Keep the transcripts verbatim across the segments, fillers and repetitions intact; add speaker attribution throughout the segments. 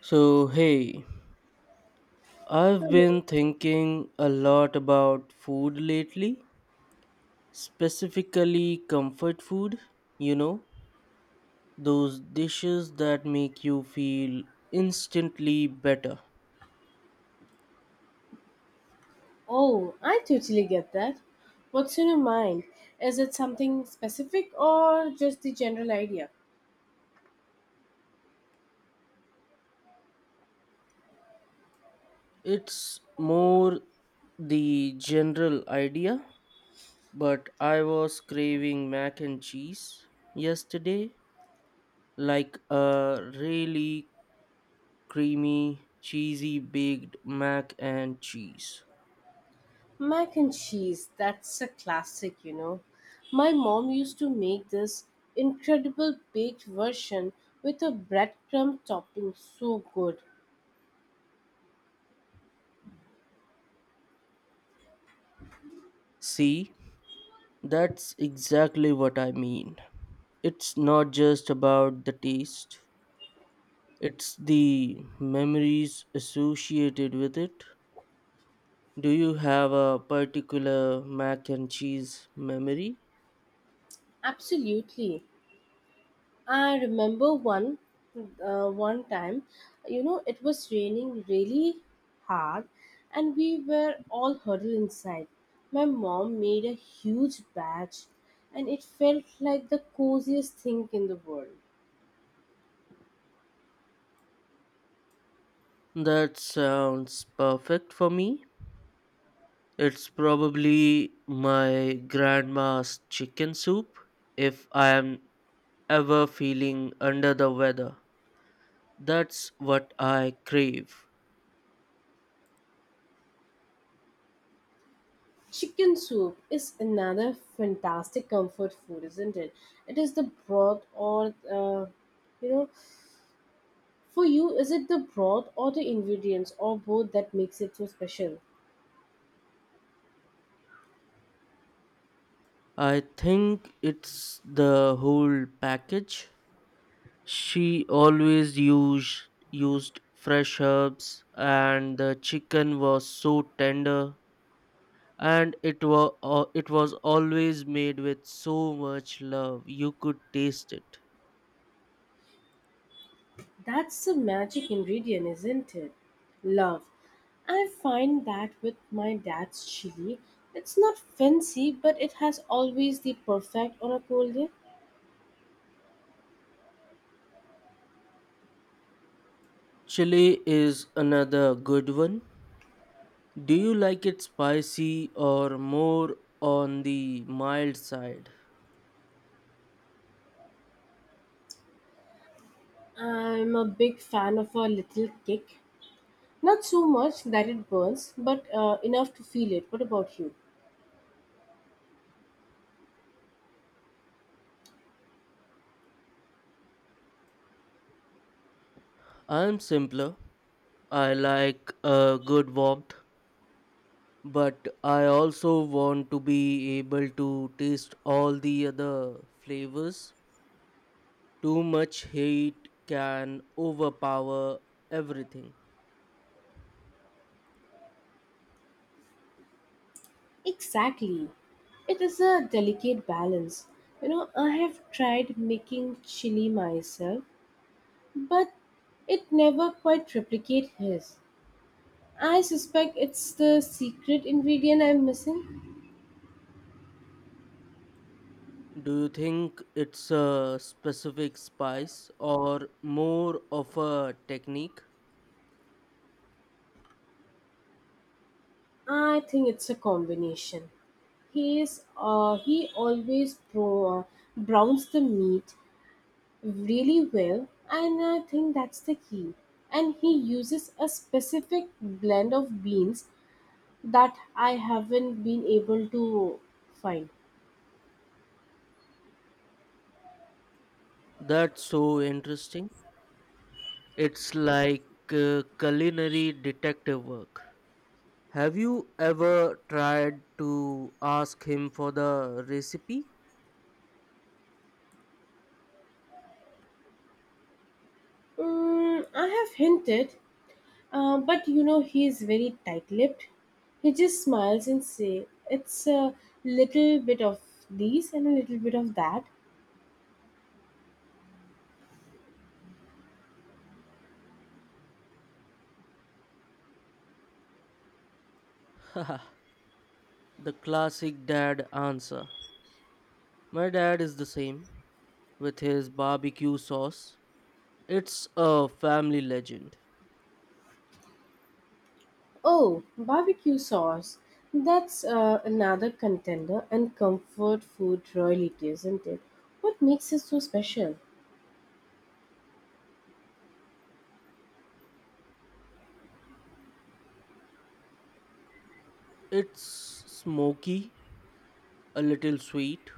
Speaker 1: So, hey, I've been thinking a lot about food lately, specifically comfort food, you know, those dishes that make you feel instantly better.
Speaker 2: Oh, I totally get that. What's in your mind? Is it something specific or just the general idea?
Speaker 1: It's more the general idea, but I was craving mac and cheese yesterday, like a really creamy, cheesy baked mac and cheese.
Speaker 2: Mac and cheese, that's a classic, you know. My mom used to make this incredible baked version with a breadcrumb topping so good.
Speaker 1: See? That's exactly what I mean. It's not just about the taste, it's the memories associated with it. Do you have a particular mac and cheese memory?
Speaker 2: Absolutely. I remember one uh, one time, you know, it was raining really hard, and we were all huddled inside. My mom made a huge batch, and it felt like the coziest thing in the world.
Speaker 1: That sounds perfect for me. It's probably my grandma's chicken soup if I am ever feeling under the weather. That's what I crave.
Speaker 2: Chicken soup is another fantastic comfort food, isn't it? It is the broth, or uh, you know, for you, is it the broth or the ingredients or both that makes it so special?
Speaker 1: I think it's the whole package. She always used used fresh herbs, and the chicken was so tender, and it was it was always made with so much love you could taste it.
Speaker 2: That's the magic ingredient, isn't it? Love. I find that with my dad's chili, it's not fancy, but it has always the perfect on a cold day.
Speaker 1: Chili is another good one. Do you like it spicy or more on the mild side?
Speaker 2: I'm a big fan of a little kick. Not so much that it burns, but uh, enough to feel it. What about you?
Speaker 1: I'm simpler. I like a good warmth, but I also want to be able to taste all the other flavors. Too much heat can overpower everything.
Speaker 2: Exactly. It is a delicate balance. You know, I have tried making chili myself, but it never quite replicate his. I suspect it's the secret ingredient I'm missing.
Speaker 1: Do you think it's a specific spice or more of a technique?
Speaker 2: I think it's a combination. He is uh, he always pro, uh, browns the meat really well, and I think that's the key. And he uses a specific blend of beans that I haven't been able to find.
Speaker 1: That's so interesting. It's like uh, culinary detective work. Have you ever tried to ask him for the recipe?
Speaker 2: Mm, I have hinted. Uh, but you know, he is very tight lipped. He just smiles and say, It's a little bit of this and a little bit of that.
Speaker 1: The classic dad answer. My dad is the same with his barbecue sauce. It's a family legend.
Speaker 2: Oh, barbecue sauce. That's uh, another contender and comfort food royalty, isn't it? What makes it so special?
Speaker 1: It's smoky, a little sweet,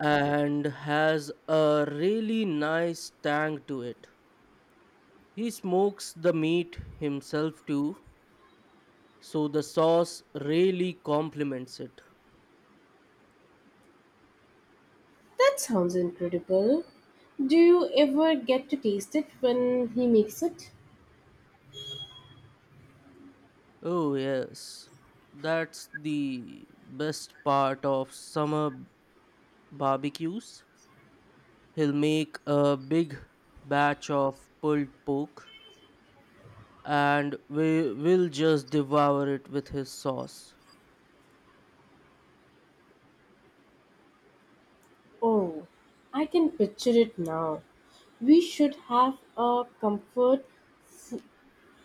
Speaker 1: and has a really nice tang to it. He smokes the meat himself too, so the sauce really complements it.
Speaker 2: That sounds incredible. Do you ever get to taste it when he makes it?
Speaker 1: Oh, yes. That's the best part of summer barbecues. He'll make a big batch of pulled pork, and we will just devour it with his sauce.
Speaker 2: Oh, I can picture it now. We should have a comfort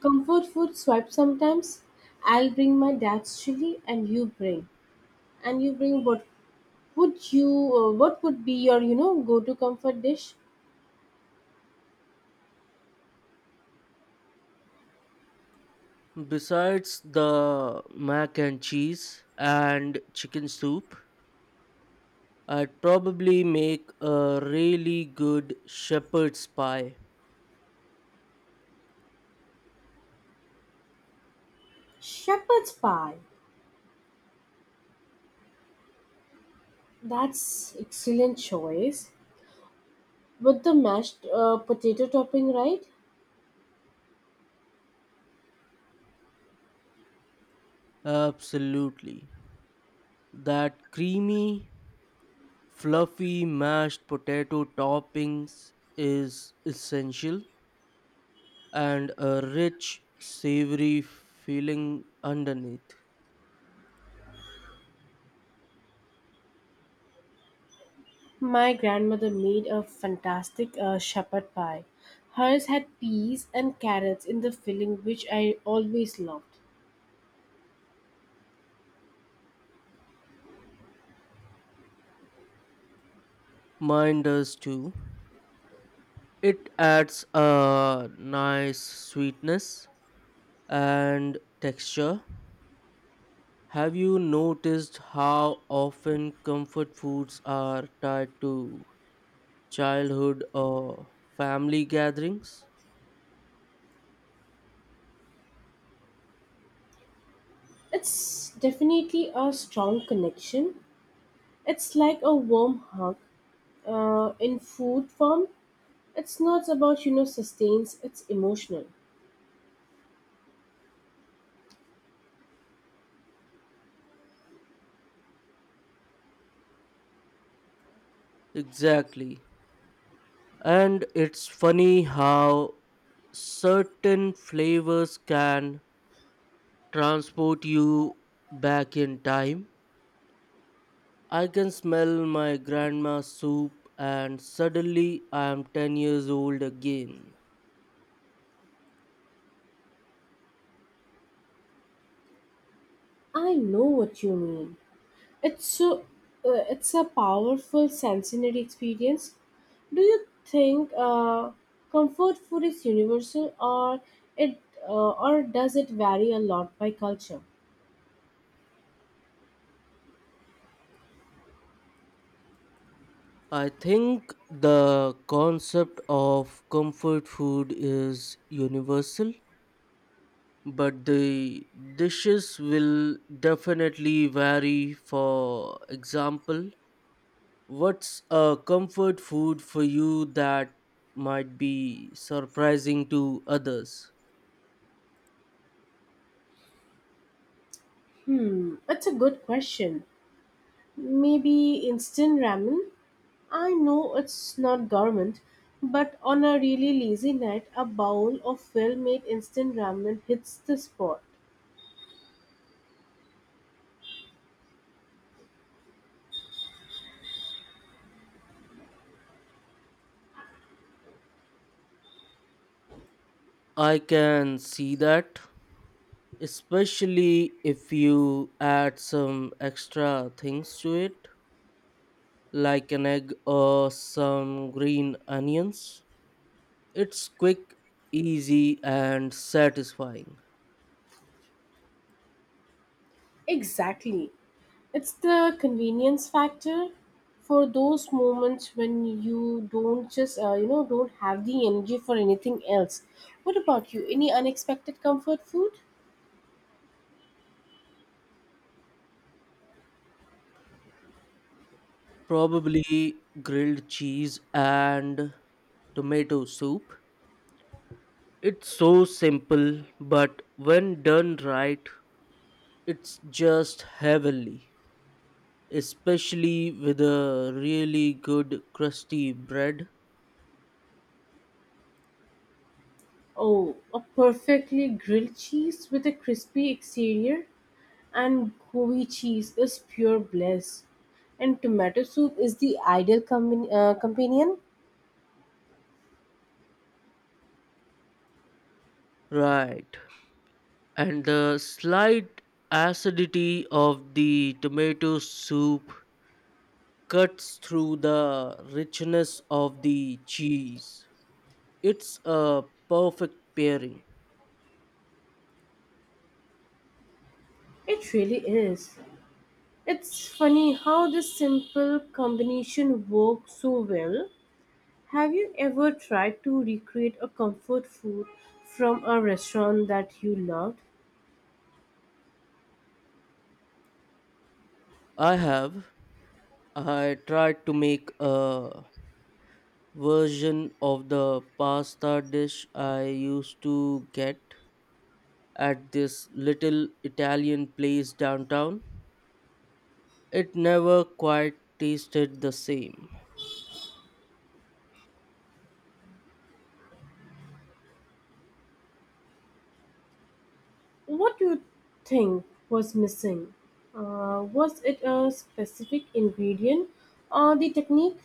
Speaker 2: Comfort food swipe sometimes. I'll bring my dad's chili, and you bring, and you bring what would you? Uh, what would be your you know go-to comfort dish?
Speaker 1: Besides the mac and cheese and chicken soup, I'd probably make a really good shepherd's pie.
Speaker 2: Shepherd's pie. That's excellent choice with the mashed uh, potato topping, right?
Speaker 1: Absolutely. That creamy, fluffy mashed potato toppings is essential, and a rich, savory feeling underneath.
Speaker 2: My grandmother made a fantastic uh, shepherd pie. Hers had peas and carrots in the filling, which I always loved.
Speaker 1: Mine does too. It adds a nice sweetness and texture. Have you noticed how often comfort foods are tied to childhood or family gatherings?
Speaker 2: It's definitely a strong connection. It's like a warm hug uh, in food form. It's not about you know sustains. It's emotional.
Speaker 1: Exactly. And it's funny how certain flavors can transport you back in time. I can smell my grandma's soup, and suddenly I am ten years old again.
Speaker 2: I know what you mean. It's so uh, it's a powerful sensory experience. Do you think uh, comfort food is universal, or it uh, or does it vary a lot by culture?
Speaker 1: I think the concept of comfort food is universal, but the dishes will definitely vary. For example, what's a comfort food for you that might be surprising to others?
Speaker 2: Hmm, that's a good question. Maybe instant ramen? I know it's not gourmet, but on a really lazy night, a bowl of well made instant ramen hits the spot.
Speaker 1: I can see that, especially if you add some extra things to it like an egg or some green onions. It's quick, easy, and satisfying.
Speaker 2: Exactly. It's the convenience factor for those moments when you don't just, uh, you know, don't have the energy for anything else. What about you? Any unexpected comfort food?
Speaker 1: Probably grilled cheese and tomato soup. It's so simple, but when done right, it's just heavenly, especially with a really good crusty bread.
Speaker 2: Oh, a perfectly grilled cheese with a crispy exterior and gooey cheese is pure bliss. And tomato soup is the ideal combi- uh, companion.
Speaker 1: Right. And the slight acidity of the tomato soup cuts through the richness of the cheese. It's a perfect pairing.
Speaker 2: It really is. It's funny how this simple combination works so well. Have you ever tried to recreate a comfort food from a restaurant that you loved?
Speaker 1: I have I tried to make a version of the pasta dish I used to get at this little Italian place downtown. It never quite tasted the same.
Speaker 2: What do you think was missing? Uh, was it a specific ingredient or the technique?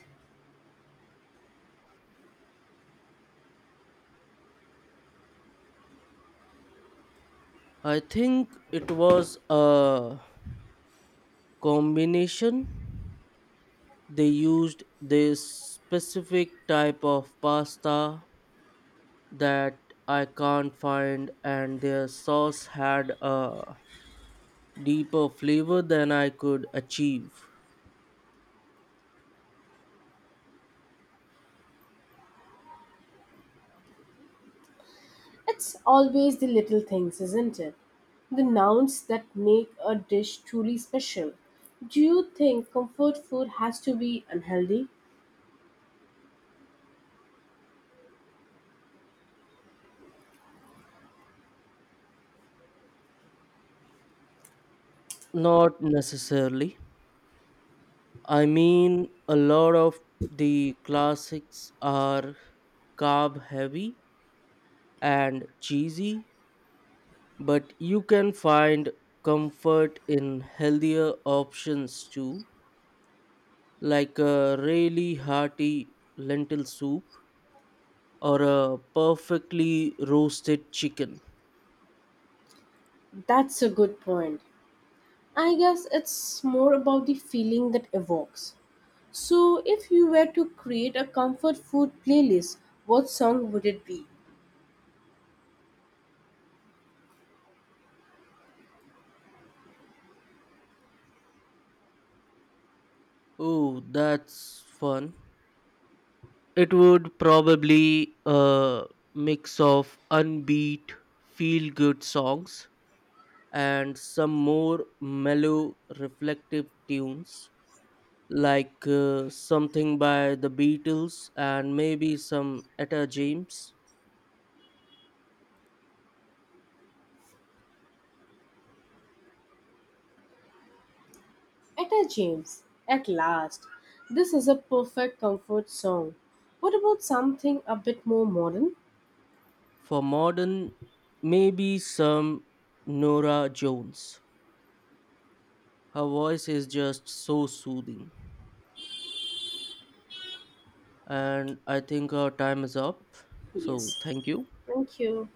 Speaker 1: I think it was a combination. They used this specific type of pasta that I can't find, and their sauce had a deeper flavor than I could achieve.
Speaker 2: It's always the little things, isn't it? The nouns that make a dish truly special. Do you think comfort food has to be unhealthy?
Speaker 1: Not necessarily. I mean, a lot of the classics are carb heavy and cheesy, but you can find comfort in healthier options too, like a really hearty lentil soup or a perfectly roasted chicken.
Speaker 2: That's a good point. I guess it's more about the feeling that evokes. So, if you were to create a comfort food playlist, what song would it be?
Speaker 1: Oh, that's fun. It would probably a mix of unbeat feel good songs and some more mellow reflective tunes, like uh, something by the Beatles and maybe some Etta James.
Speaker 2: Etta James, at last. This is a perfect comfort song. What about something a bit more modern?
Speaker 1: For modern, maybe some Nora Jones. Her voice is just so soothing. And I think our time is up.
Speaker 2: Yes.
Speaker 1: So thank you.
Speaker 2: Thank you.